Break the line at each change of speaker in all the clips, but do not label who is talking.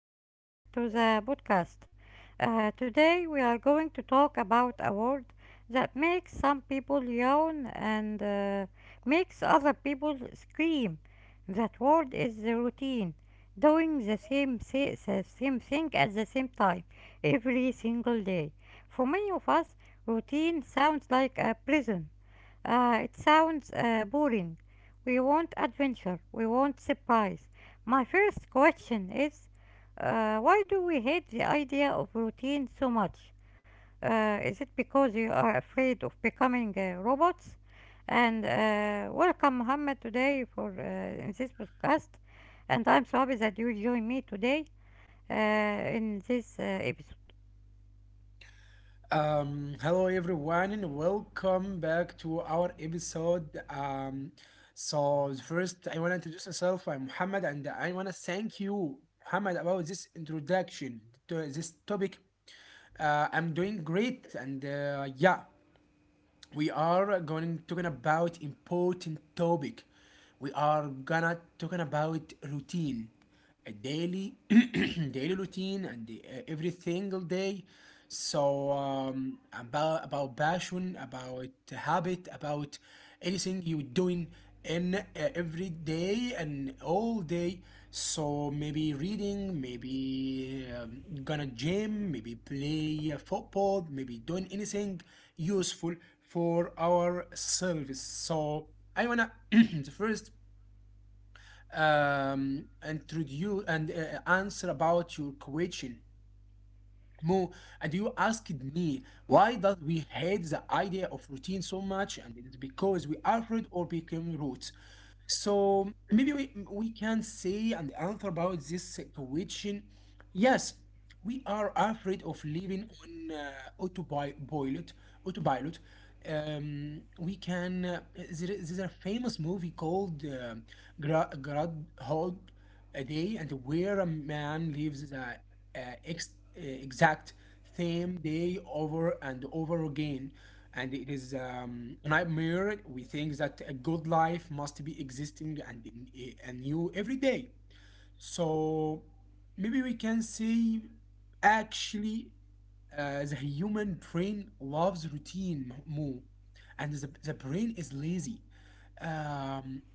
welcome back to the podcast. Today, we are going to talk about a word that makes some people yawn and makes other people scream. That word is the routine, doing the same, the same thing at the same time every single day. For many of us, routine sounds like a prison. It sounds boring. We want adventure, we want surprise, my first question is why do we hate the idea of routine so much? Is it because you are afraid of becoming robots? And welcome, Muhammad, today for in this podcast. And I'm so happy that you join me today in this episode.
Hello everyone and welcome back to our episode. So first I want to introduce myself. I'm Muhammad and I want to thank you, Muhammad, about this introduction to this topic. I'm doing great and yeah. We are going talking about important topic, we are gonna talking about routine, a daily daily routine and the, every single day. So about passion, about habit, about anything you doing in every day and all day. So maybe reading, maybe gonna gym, maybe play football, maybe doing anything useful for our service. So I wanna the first introduce and answer about your question. Mo, and you asked me why does we hate the idea of routine so much, and it is because we are afraid or became roots. So maybe we can say and answer about this question. Yes, we are afraid of living on autopilot. Autopilot. We can. There's a famous movie called Groundhog a day, and where a man leaves the uh, exact same day over and over again. And it is a nightmare. We think that a good life must be existing and new every day. So maybe we can say actually the human brain loves routine more, and the brain is lazy. Um,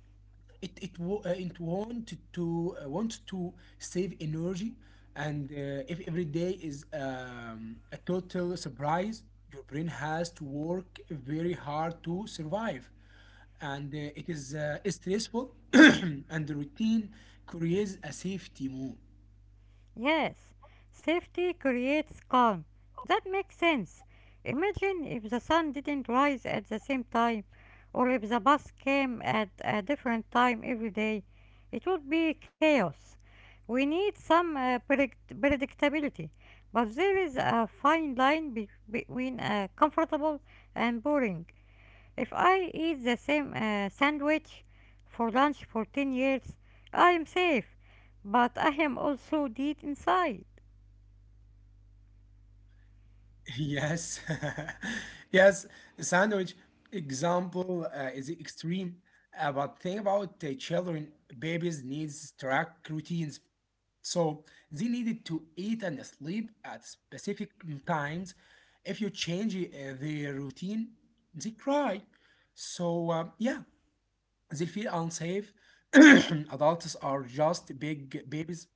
it it wa- it want to save energy, and if every day is a total surprise, your brain has to work very hard to survive, and it is stressful. And the routine creates a safety move.
Yes, safety creates calm. That makes sense. Imagine if the sun didn't rise at the same time, or if the bus came at a different time every day. It would be chaos. We need some predictability, but there is a fine line between comfortable and boring. If I eat the same sandwich for lunch for 10 years, I am safe, but I am also dead inside.
Yes, yes. The sandwich example is extreme, but think about children, babies needs strict routines, so they needed to eat and sleep at specific times. If you change their routine, they cry. So yeah, they feel unsafe. Adults are just big babies.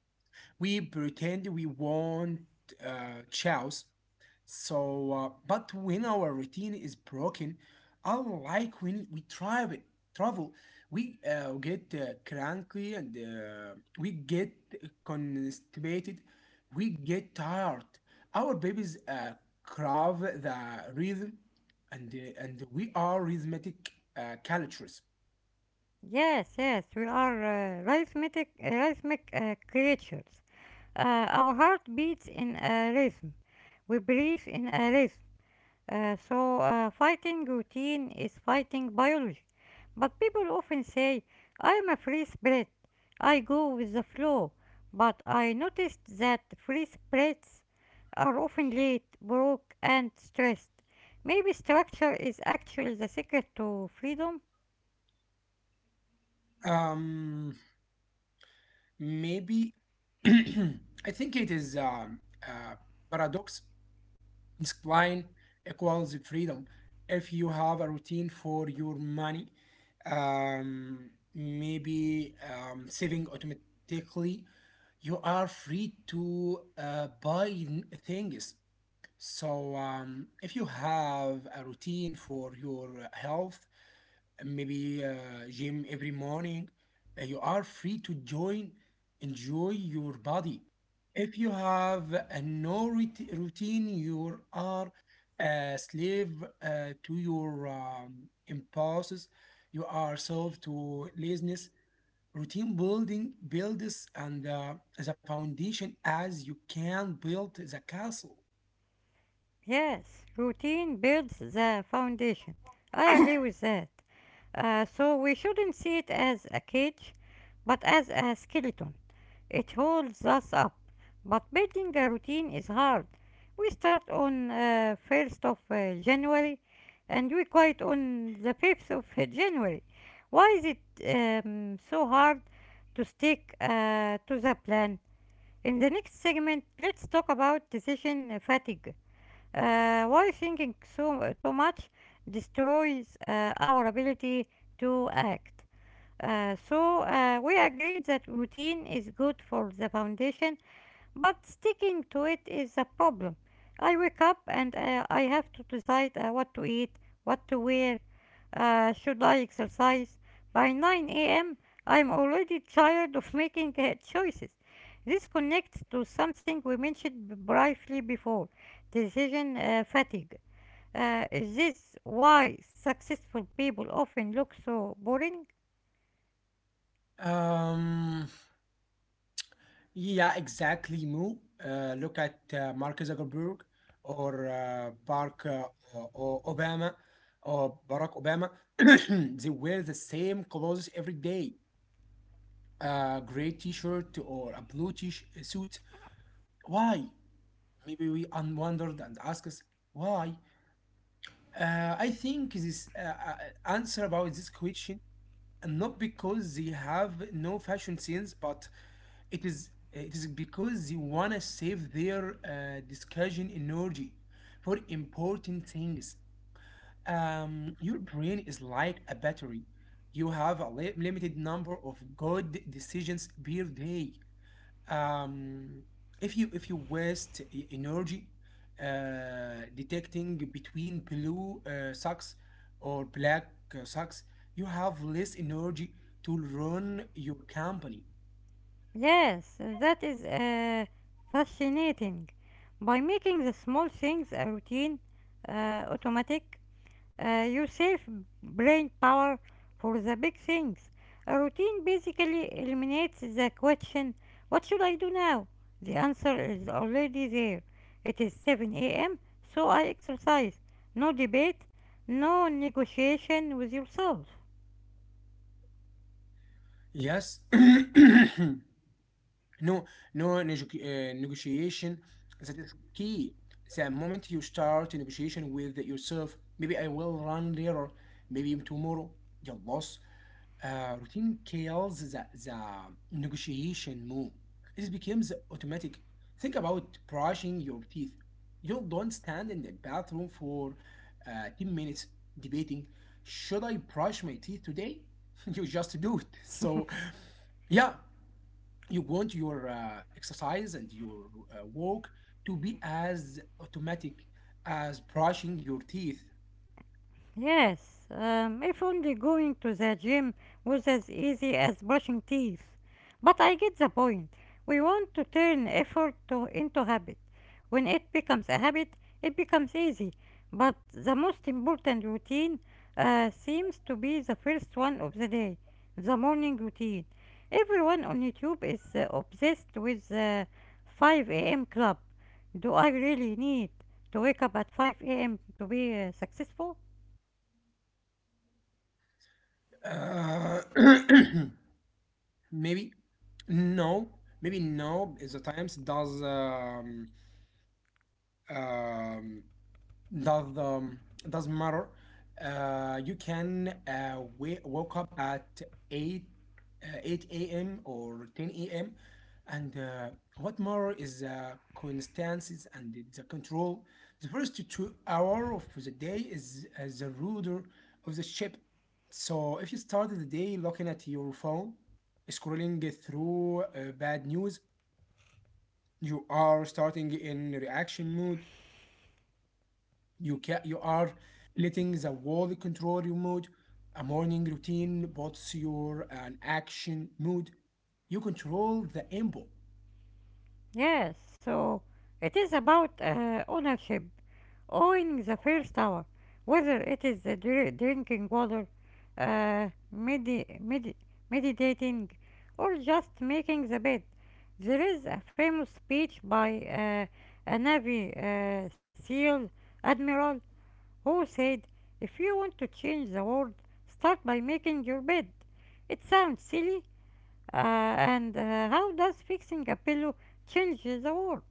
We pretend we want chows, so but when our routine is broken, unlike when we travel, travel, we get cranky, and we get constipated, we get tired. Our babies crave the rhythm, and and we are rhythmic cultures.
Yes, yes, we are rhythmic creatures. Our heart beats in a rhythm. We breathe in a rhythm. So, fighting routine is fighting biology. But people often say, I'm a free spirit. I go with the flow. But I noticed that free spirits are often late, broke, and stressed. Maybe structure is actually the secret to freedom?
Um, Maybe I think it is a paradox. Discipline equals freedom. If you have a routine for your money, maybe saving automatically, you are free to buy things. So if you have a routine for your health, maybe gym every morning. You are free to join, enjoy your body. If you have a no routine, you are a slave to your impulses. You are sold to laziness. Routine building builds and the foundation as you can build the castle.
Yes, routine builds the foundation. I agree with that. So, we shouldn't see it as a cage, but as a skeleton. It holds us up, but building a routine is hard. We start on 1st of January and we quit on the 5th of January. Why is it so hard to stick to the plan? In the next segment, let's talk about decision fatigue. Why thinking too much destroys our ability to act. So, we agreed that routine is good for the foundation, but sticking to it is a problem. I wake up and I have to decide what to eat, what to wear, should I exercise. By 9 a.m., I'm already tired of making choices. This connects to something we mentioned briefly before decision fatigue. Is this why successful people often look so boring?
Um, Yeah, exactly, Moo. Look at Mark Zuckerberg or Barack or Obama or Barack Obama. They wear the same clothes every day. A gray T-shirt or a blue T-suit. Why? Maybe we wondered and asked us why. I think this answer about this question, and not because they have no fashion sense, but it is because they wanna save their discussion energy for important things. Your brain is like a battery. You have a limited number of good decisions per day. Um, if you if you waste energy detecting between blue socks or black socks, you have less energy to run your company.
Yes, that is fascinating. By making the small things a routine, automatic, you save brain power for the big things. A routine basically eliminates the question, what should I do now? The answer is already there. It is 7 a.m., so I exercise. No debate, no negotiation with yourself.
Yes, no, no negotiation. That is key. The moment you start a negotiation with yourself, maybe I will run later, maybe tomorrow. Your loss. Routine kills the negotiation move. It becomes automatic. Think about brushing your teeth. You don't stand in the bathroom for 10 minutes debating, should I brush my teeth today? You just do it. So, yeah, you want your exercise and your walk to be as automatic as brushing your teeth.
Yes, if only going to the gym was as easy as brushing teeth. But I get the point. We want to turn effort into habit. When it becomes a habit, it becomes easy. But the most important routine seems to be the first one of the day, the morning routine. Everyone on YouTube is obsessed with the 5 a.m. club. Do I really need to wake up at 5 a.m. to be successful?
Uh, maybe no, maybe no. is The times does um, does um doesn't matter. You can wake up at eight eight a.m. or ten a.m. And what matter is the constancies and the control. The first 2 hours of the day is the rudder of the ship. So if you started the day looking at your phone, scrolling through bad news, you are starting in reaction mode. You are letting the wall control your mood. A morning routine bots your an action mood. You control the input.
Yes, so it is about ownership, owning the first tower, whether it is the drinking water, uh, medi- medi- meditating, or just making the bed. There is a famous speech by a Navy SEAL admiral who said, if you want to change the world, start by making your bed. It sounds silly, and how does fixing a pillow change the world?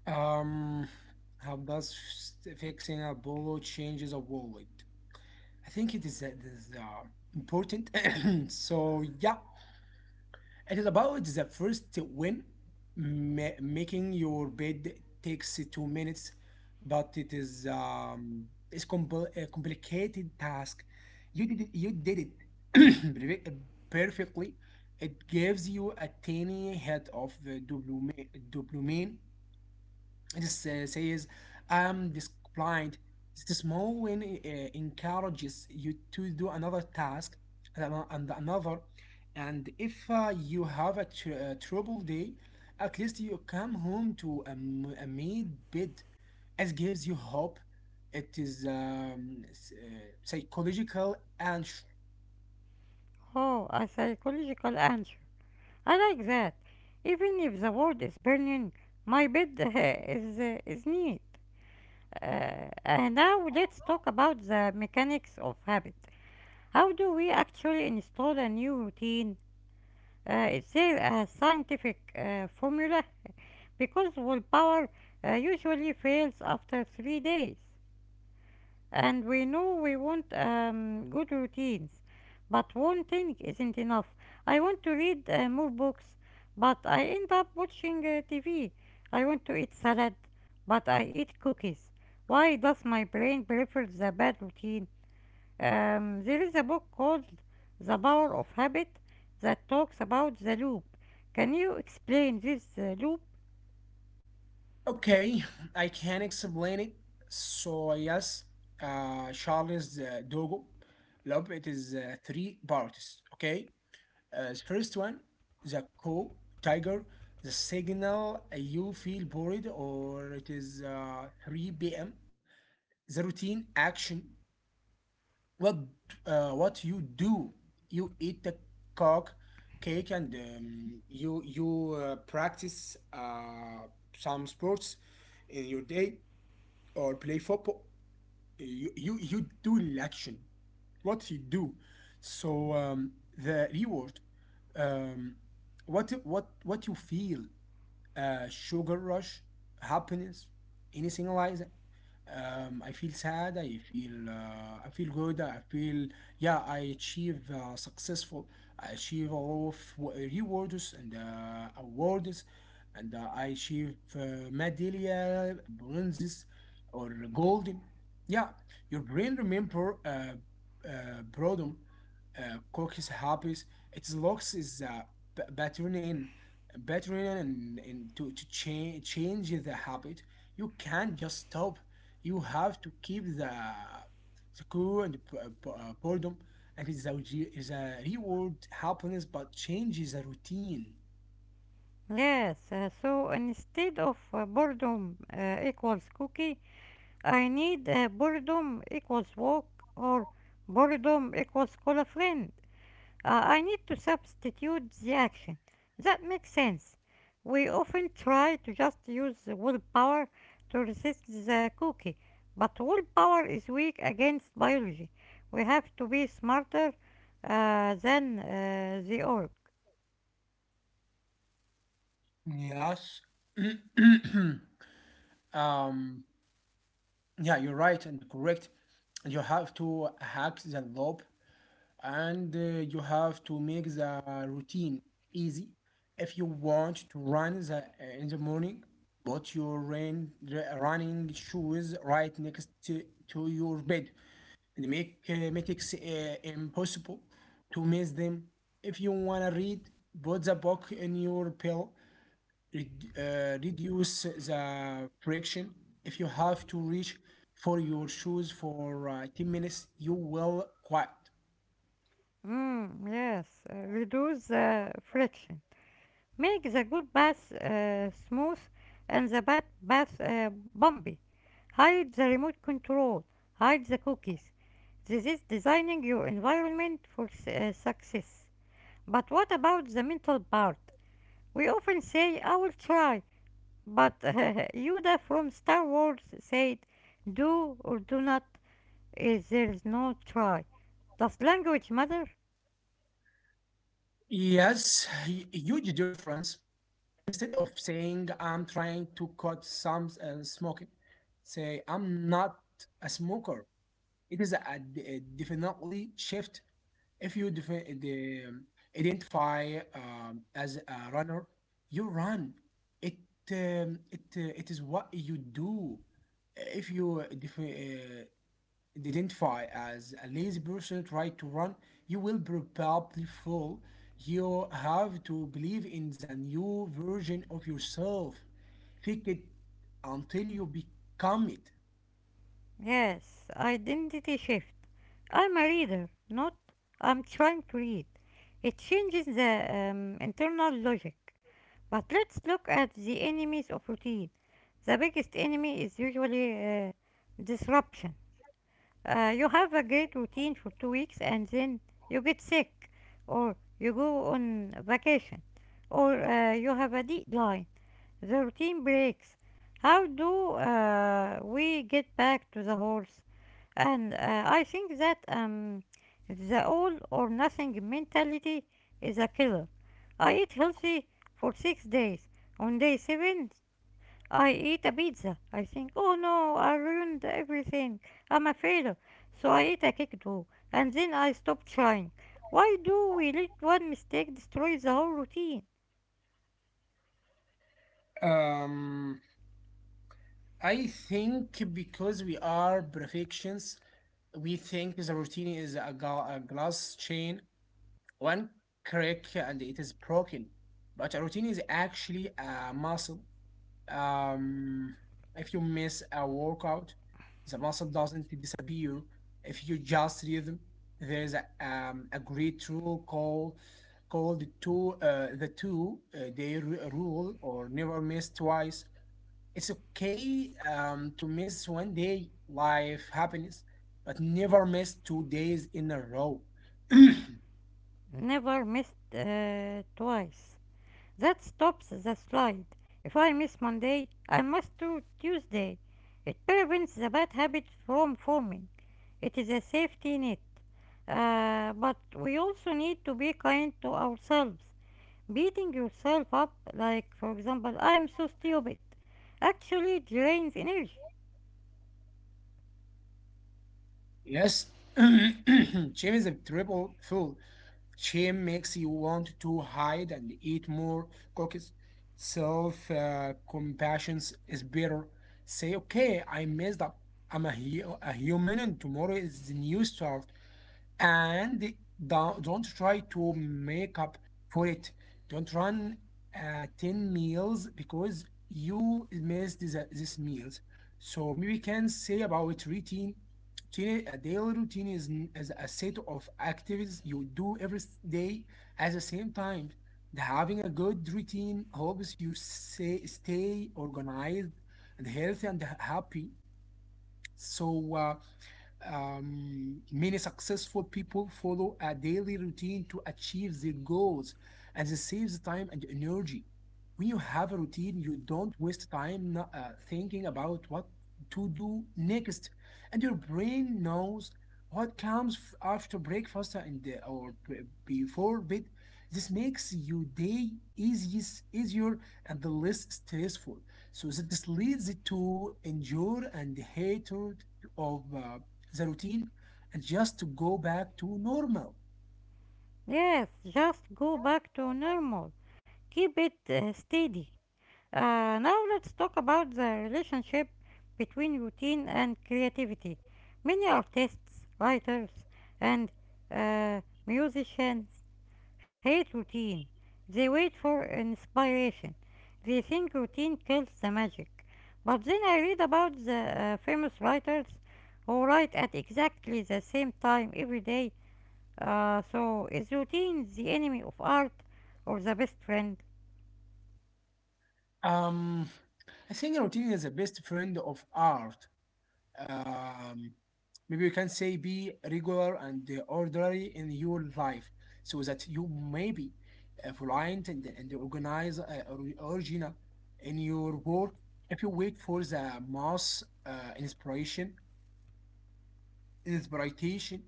Um, how does fixing a bolo changes a wallet? I think it is important. So yeah, it is about the first win. Making your bed takes 2 minutes, but it's a complicated task. You did it perfe- perfectly. It gives you a tiny hit of the dopamine. This says, I'm disciplined. This small win encourages you to do another task and another. And if you have a, a trouble day, at least you come home to a, a made bed. It gives you hope. It is psychological and
Oh, a psychological answer. I like that. Even if the world is burning, my bed is neat. And now let's talk about the mechanics of habit. How do we actually install a new routine? Is there a scientific formula? Because willpower usually fails after 3 days. And we know we want good routines, but one thing isn't enough. I want to read more books, but I end up watching TV. I want to eat salad, but I eat cookies. Why does my brain prefer the bad routine? There is a book called The Power of Habit that talks about the loop. Can you explain this loop?
Okay, I can explain it. So yes, Charles Dogo, love it is three parts. Okay, the first one, the co tiger, the signal, you feel bored, or it is 3 p.m. The routine action, what what you do, you eat the cock cake, and you practice some sports in your day, or play football. You do action. What you do. So the reward, um, what you feel, sugar rush, happiness, anything like that. I feel sad. I feel good. I feel yeah. I achieve successful. I achieve a lot of rewards and awards, and I achieve medallia, bronzes, or golden. Yeah, your brain remember boredom, cookies hobbies. It looks is b- patterning, patterning, and to to change the habit. You can't just stop. You have to keep the cool and boredom, and it's a re- is a reward happiness, but change is a routine.
Yes, so instead of boredom equals cookie, I need a boredom equals walk or boredom equals call a friend. I need to substitute the action. That makes sense. We often try to just use willpower to resist the cookie, but willpower is weak against biology. We have to be smarter than the org.
Yes. um, yeah, you're right and correct. You have to hack the loop, and you have to make the routine easy. If you want to run the, in the morning, put your running shoes right next to your bed, and make metrics impossible to miss them. If you want to read, put the book in your pillow. Reduce the friction. If you have to reach for your shoes for 10 minutes, you will quit.
Mm, yes, reduce the friction. Make the good bath smooth and the bad bath bumpy. Hide the remote control. Hide the cookies. This is designing your environment for success. But what about the mental part? We often say, I will try, but Yoda from Star Wars said, do or do not, there is no try. Does language matter?
Yes, huge difference. Instead of saying I'm trying to cut some smoking, say I'm not a smoker. It is a, a definitely shift. If you identify as a runner, you run. It it is what you do. If you identify as a lazy person, try to run, you will probably fall. You have to believe in the new version of yourself. Fake it until you become it.
Yes, identity shift. I'm a reader, not I'm trying to read. It changes the internal logic. But let's look at the enemies of routine. The biggest enemy is usually disruption. You have a great routine for 2 weeks and then you get sick, or you go on vacation, or you have a deadline. The routine breaks. How do we get back to the horse? And I think that the all or nothing mentality is a killer. I eat healthy for 6 days. On day seven, I eat a pizza. I think, oh no, I ruined everything. I'm a failure. So I eat a cake too. And then I stop trying. Why do we let one mistake destroy the whole routine?
Um, I think because we are perfectionists, we think the routine is a, a glass chain, one crack and it is broken. But a routine is actually a muscle. Um, if you miss a workout, the muscle doesn't disappear. If you just rhythm, there's a great rule called two the two day rule, or never miss twice. It's okay to miss one day, life happiness, but never miss 2 days in a row.
Never missed twice. That stops the slide. If I miss Monday, I must do Tuesday. It prevents the bad habit from forming. It is a safety net. But we also need to be kind to ourselves. Beating yourself up, like, for example, I'm so stupid, actually drains energy.
Yes, Jim is a triple fool. Shame makes you want to hide and eat more cookies. Self compassion is better. Say, okay, I messed up. I'm a, a human, and tomorrow is the new start, and don't try to make up for it. Don't run 10 meals because you missed this meals. So maybe we can say about a daily routine is, is a set of activities you do every day at the same time. Having a good routine helps you say, stay organized and healthy and happy. So many successful people follow a daily routine to achieve their goals, and this saves time and energy. When you have a routine, you don't waste time thinking about what to do next, and your brain knows what comes after breakfast and or before bed. This makes your day easier and less stressful. So that this leads to enjoy and hatred of the routine, and just to go back to normal.
Yes, just go back to normal. Keep it steady. Now let's talk about the relationship between routine and creativity. Many artists, writers, and uh, musicians hate routine. They wait for inspiration. They think routine kills the magic. But then I read about the famous writers who write at exactly the same time every day. So is routine the enemy of art or the best friend?
Um, I think routine is the best friend of art. Um, Maybe you can say be regular and orderly in your life so that you may be reliant and organize original in your work. If you wait for the mass inspiration, inspiration,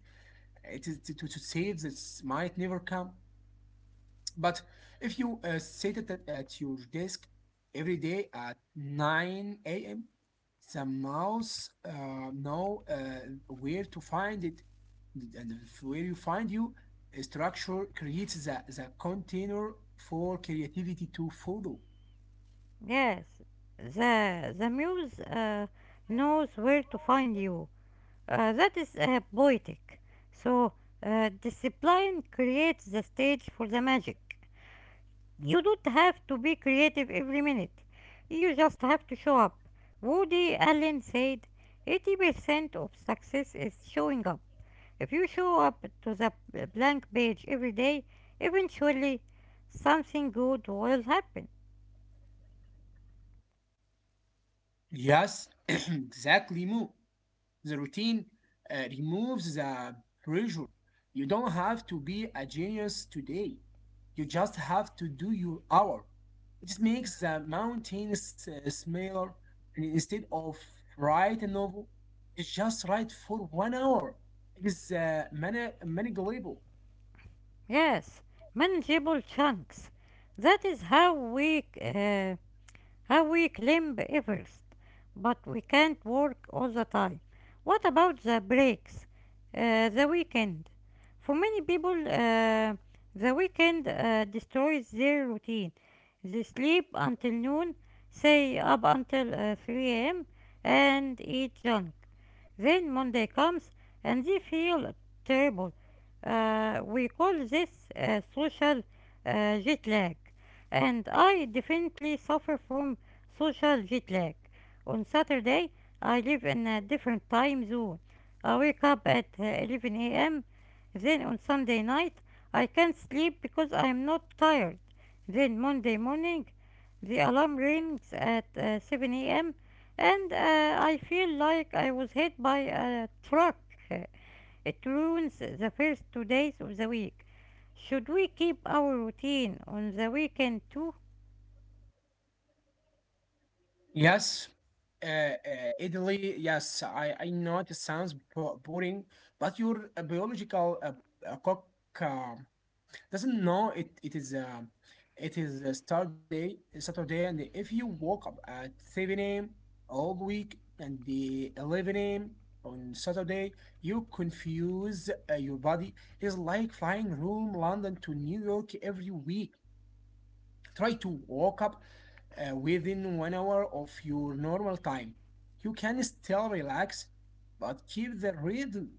it is to save this might never come. But if you sit at your desk every day at 9 a.m., the mouse know where to find it, and where you find you, a structure creates the container for creativity to follow.
Yes, the muse knows where to find you. That is poetic. So discipline creates the stage for the magic. You don't have to be creative every minute. You just have to show up. Woody Allen said, "80% of success is showing up. If you show up to the blank page every day, eventually something good will happen."
Yes, exactly, Mo. The routine removes the pressure. You don't have to be a genius today. You just have to do your hour. It makes the mountains smaller, and instead of write a novel. It's just write for 1 hour. It is manipulable.
Yes, manageable chunks. That is how we climb Everest, but we can't work all the time. What about the breaks, the weekend? For many people, the weekend destroys their routine. They sleep until noon, say up until 3 a.m., and eat junk. Then Monday comes and they feel terrible. We call this social jet lag and I definitely suffer from social jet lag. On Saturday, I live in a different time zone. I wake up at 11 a.m. Then on Sunday night, I can't sleep because I am not tired. Then Monday morning, the alarm rings at 7 a.m. and I feel like I was hit by a truck. It ruins the first 2 days of the week. Should we keep our routine on the weekend too?
Yes, uh, uh, Italy. Yes, I know it sounds boring, but your biological cock um doesn't know it is a Saturday, and if you woke up at 7 a.m. all week and the 11 a.m. on Saturday, you confuse your body. It's like flying from London to New York every week. Try to wake up within 1 hour of your normal time. You can still relax, but keep the rhythm.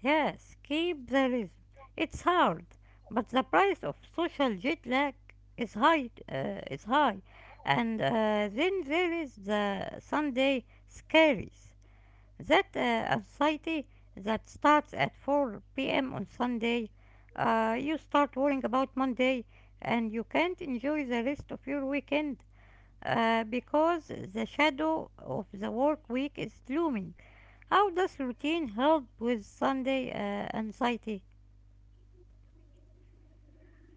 Yes, keep the rhythm. It's hard, but the price of social jet lag is high. Is high, and then there is the Sunday scaries. That anxiety that starts at 4 p.m. on Sunday. You start worrying about Monday, and you can't enjoy the rest of your weekend because the shadow of the work week is looming. How does routine help with Sunday anxiety?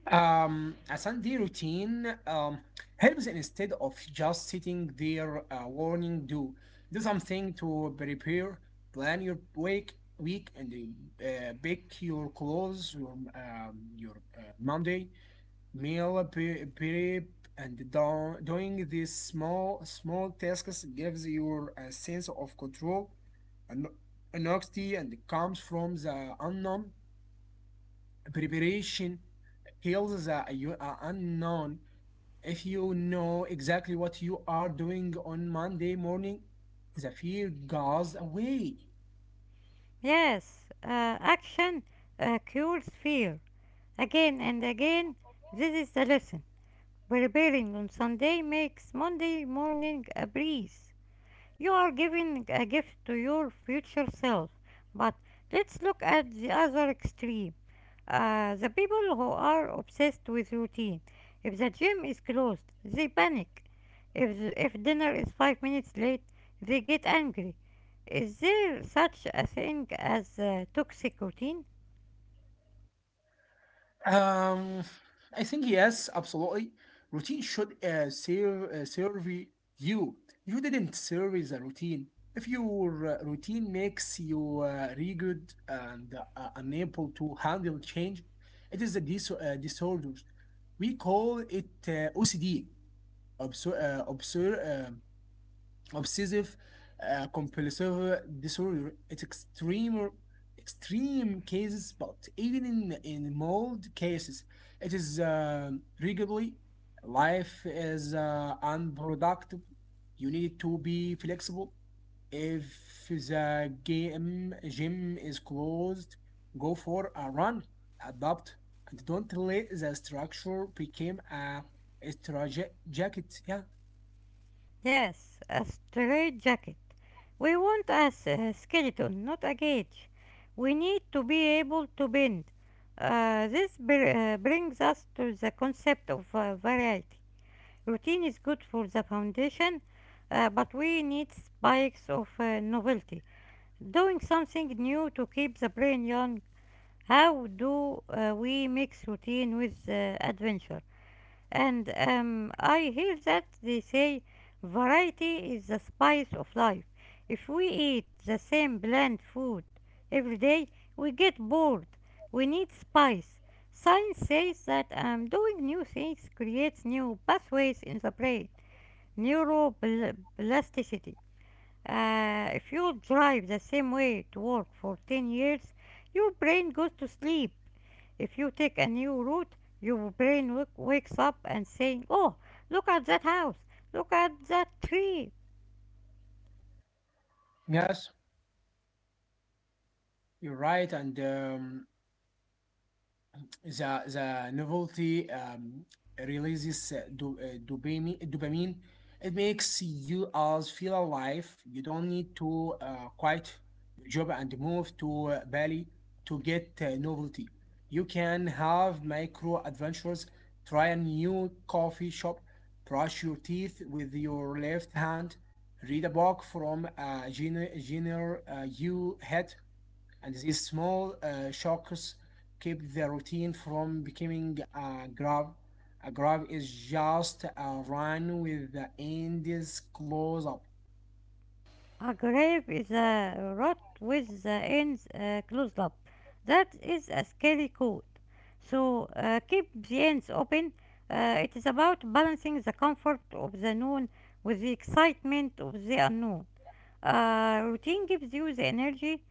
A Sunday routine helps. Instead of just sitting there warning, do something to prepare, plan your week, and bake your clothes, your Monday meal prep, and doing these small tasks gives you a sense of control and honesty, and comes from the unknown. Preparation kills the you are unknown. If you know exactly what you are doing on Monday morning, the fear goes away.
Yes, action cures fear. Again and again, this is the lesson. Preparing on Sunday makes Monday morning a breeze. You are giving a gift to your future self. But let's look at the other extreme. The people who are obsessed with routine. If the gym is closed, they panic. If dinner is 5 minutes late, they get angry. Is there such a thing as a toxic routine?
Um, I think yes, absolutely. Routine should serve you. You didn't serve the routine. If your routine makes you rigid and unable to handle change, it is a disorder. We call it OCD, obser- uh, obser- um, obsessive compulsive disorder. It's extreme cases, but even in mild cases, it is regularly life is unproductive. You need to be flexible. If the game gym is closed, go for a run. Adapt, and don't let the structure become a straitjacket. Yeah.
Yes, a straitjacket. We want a skeleton, not a cage. We need to be able to bend. This brings us to the concept of variety. Routine is good for the foundation, but we need spikes of novelty. Doing something new to keep the brain young. How do we mix routine with adventure? And I hear that they say variety is the spice of life. If we eat the same bland food every day, we get bored. We need spice. Science says that doing new things creates new pathways in the brain neuroplasticity. If you drive the same way to work for 10 years, your brain goes to sleep. If you take a new route, your brain wakes up and saying, "Oh, look at that house! Look at that tree!
Yes. You're right, and the novelty releases dopamine. It makes you us feel alive. You don't need to quit your job and move to Bali to get novelty. You can have micro adventures. Try a new coffee shop. Brush your teeth with your left hand. Read a book from a genre you hate, and these small shocks keep the routine from becoming a grab. A grab is just a run with the ends close up.
A grave is a rod with the ends closed up. That is a scary code. So keep the ends open. It is about balancing the comfort of the known with the excitement of the unknown. Routine gives you the energy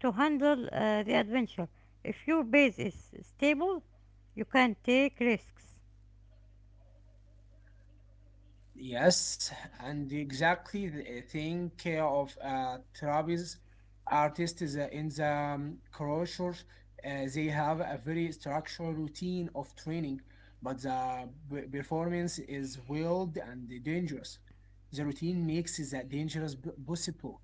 to handle the adventure. If your base is stable, you can take risks.
Yes, and exactly the thing of trapeze artists is, in the crochet. They have a very structured routine of training, but the performance is wild and dangerous. The routine makes that dangerous possible.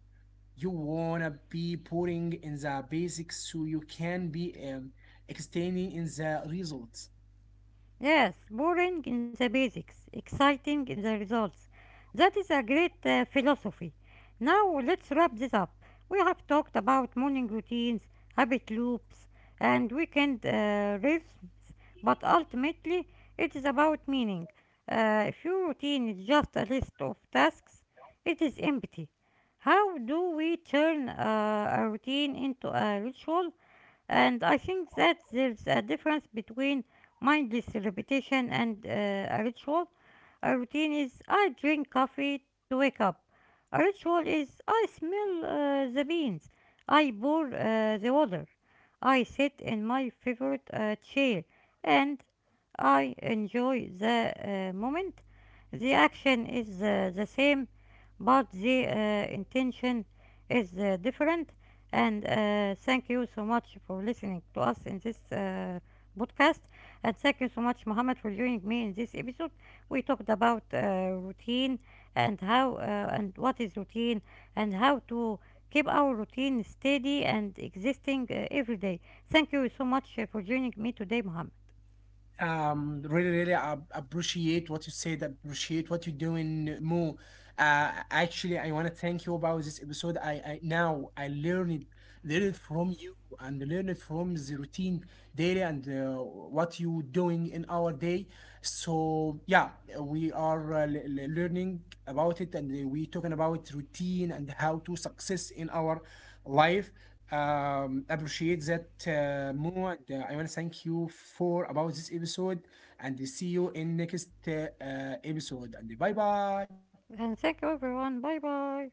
You wanna be putting in the basics so you can be extending in the results.
Yes, boring in the basics, exciting in the results. That is a great philosophy. Now let's wrap this up. We have talked about morning routines, habit loops, and weekend rhythms, but ultimately it is about meaning. If your routine is just a list of tasks, it is empty. How do we turn a routine into a ritual? And I think that there's a difference between mine is repetition and a ritual. A routine is I drink coffee to wake up. A ritual is I smell the beans. I pour the water. I sit in my favorite chair and I enjoy the moment. The action is the same, but the intention is different. And thank you so much for listening to us in this podcast. And thank you so much, Mohammed, for joining me in this episode. We talked about routine and how and what is routine and how to keep our routine steady and existing every day. Thank you so much for joining me today, Mohammed.
Really really appreciate what you said, appreciate what you're doing more. Uh, actually, I want to thank you about this episode. I Now I learned from you and learned from the routine daily, and what you doing in our day. So yeah, we are learning about it, and we talking about routine and how to success in our life. Appreciate that more. I want to thank you for about this episode, and see you in next episode. And bye bye.
And thank you, everyone. Bye bye.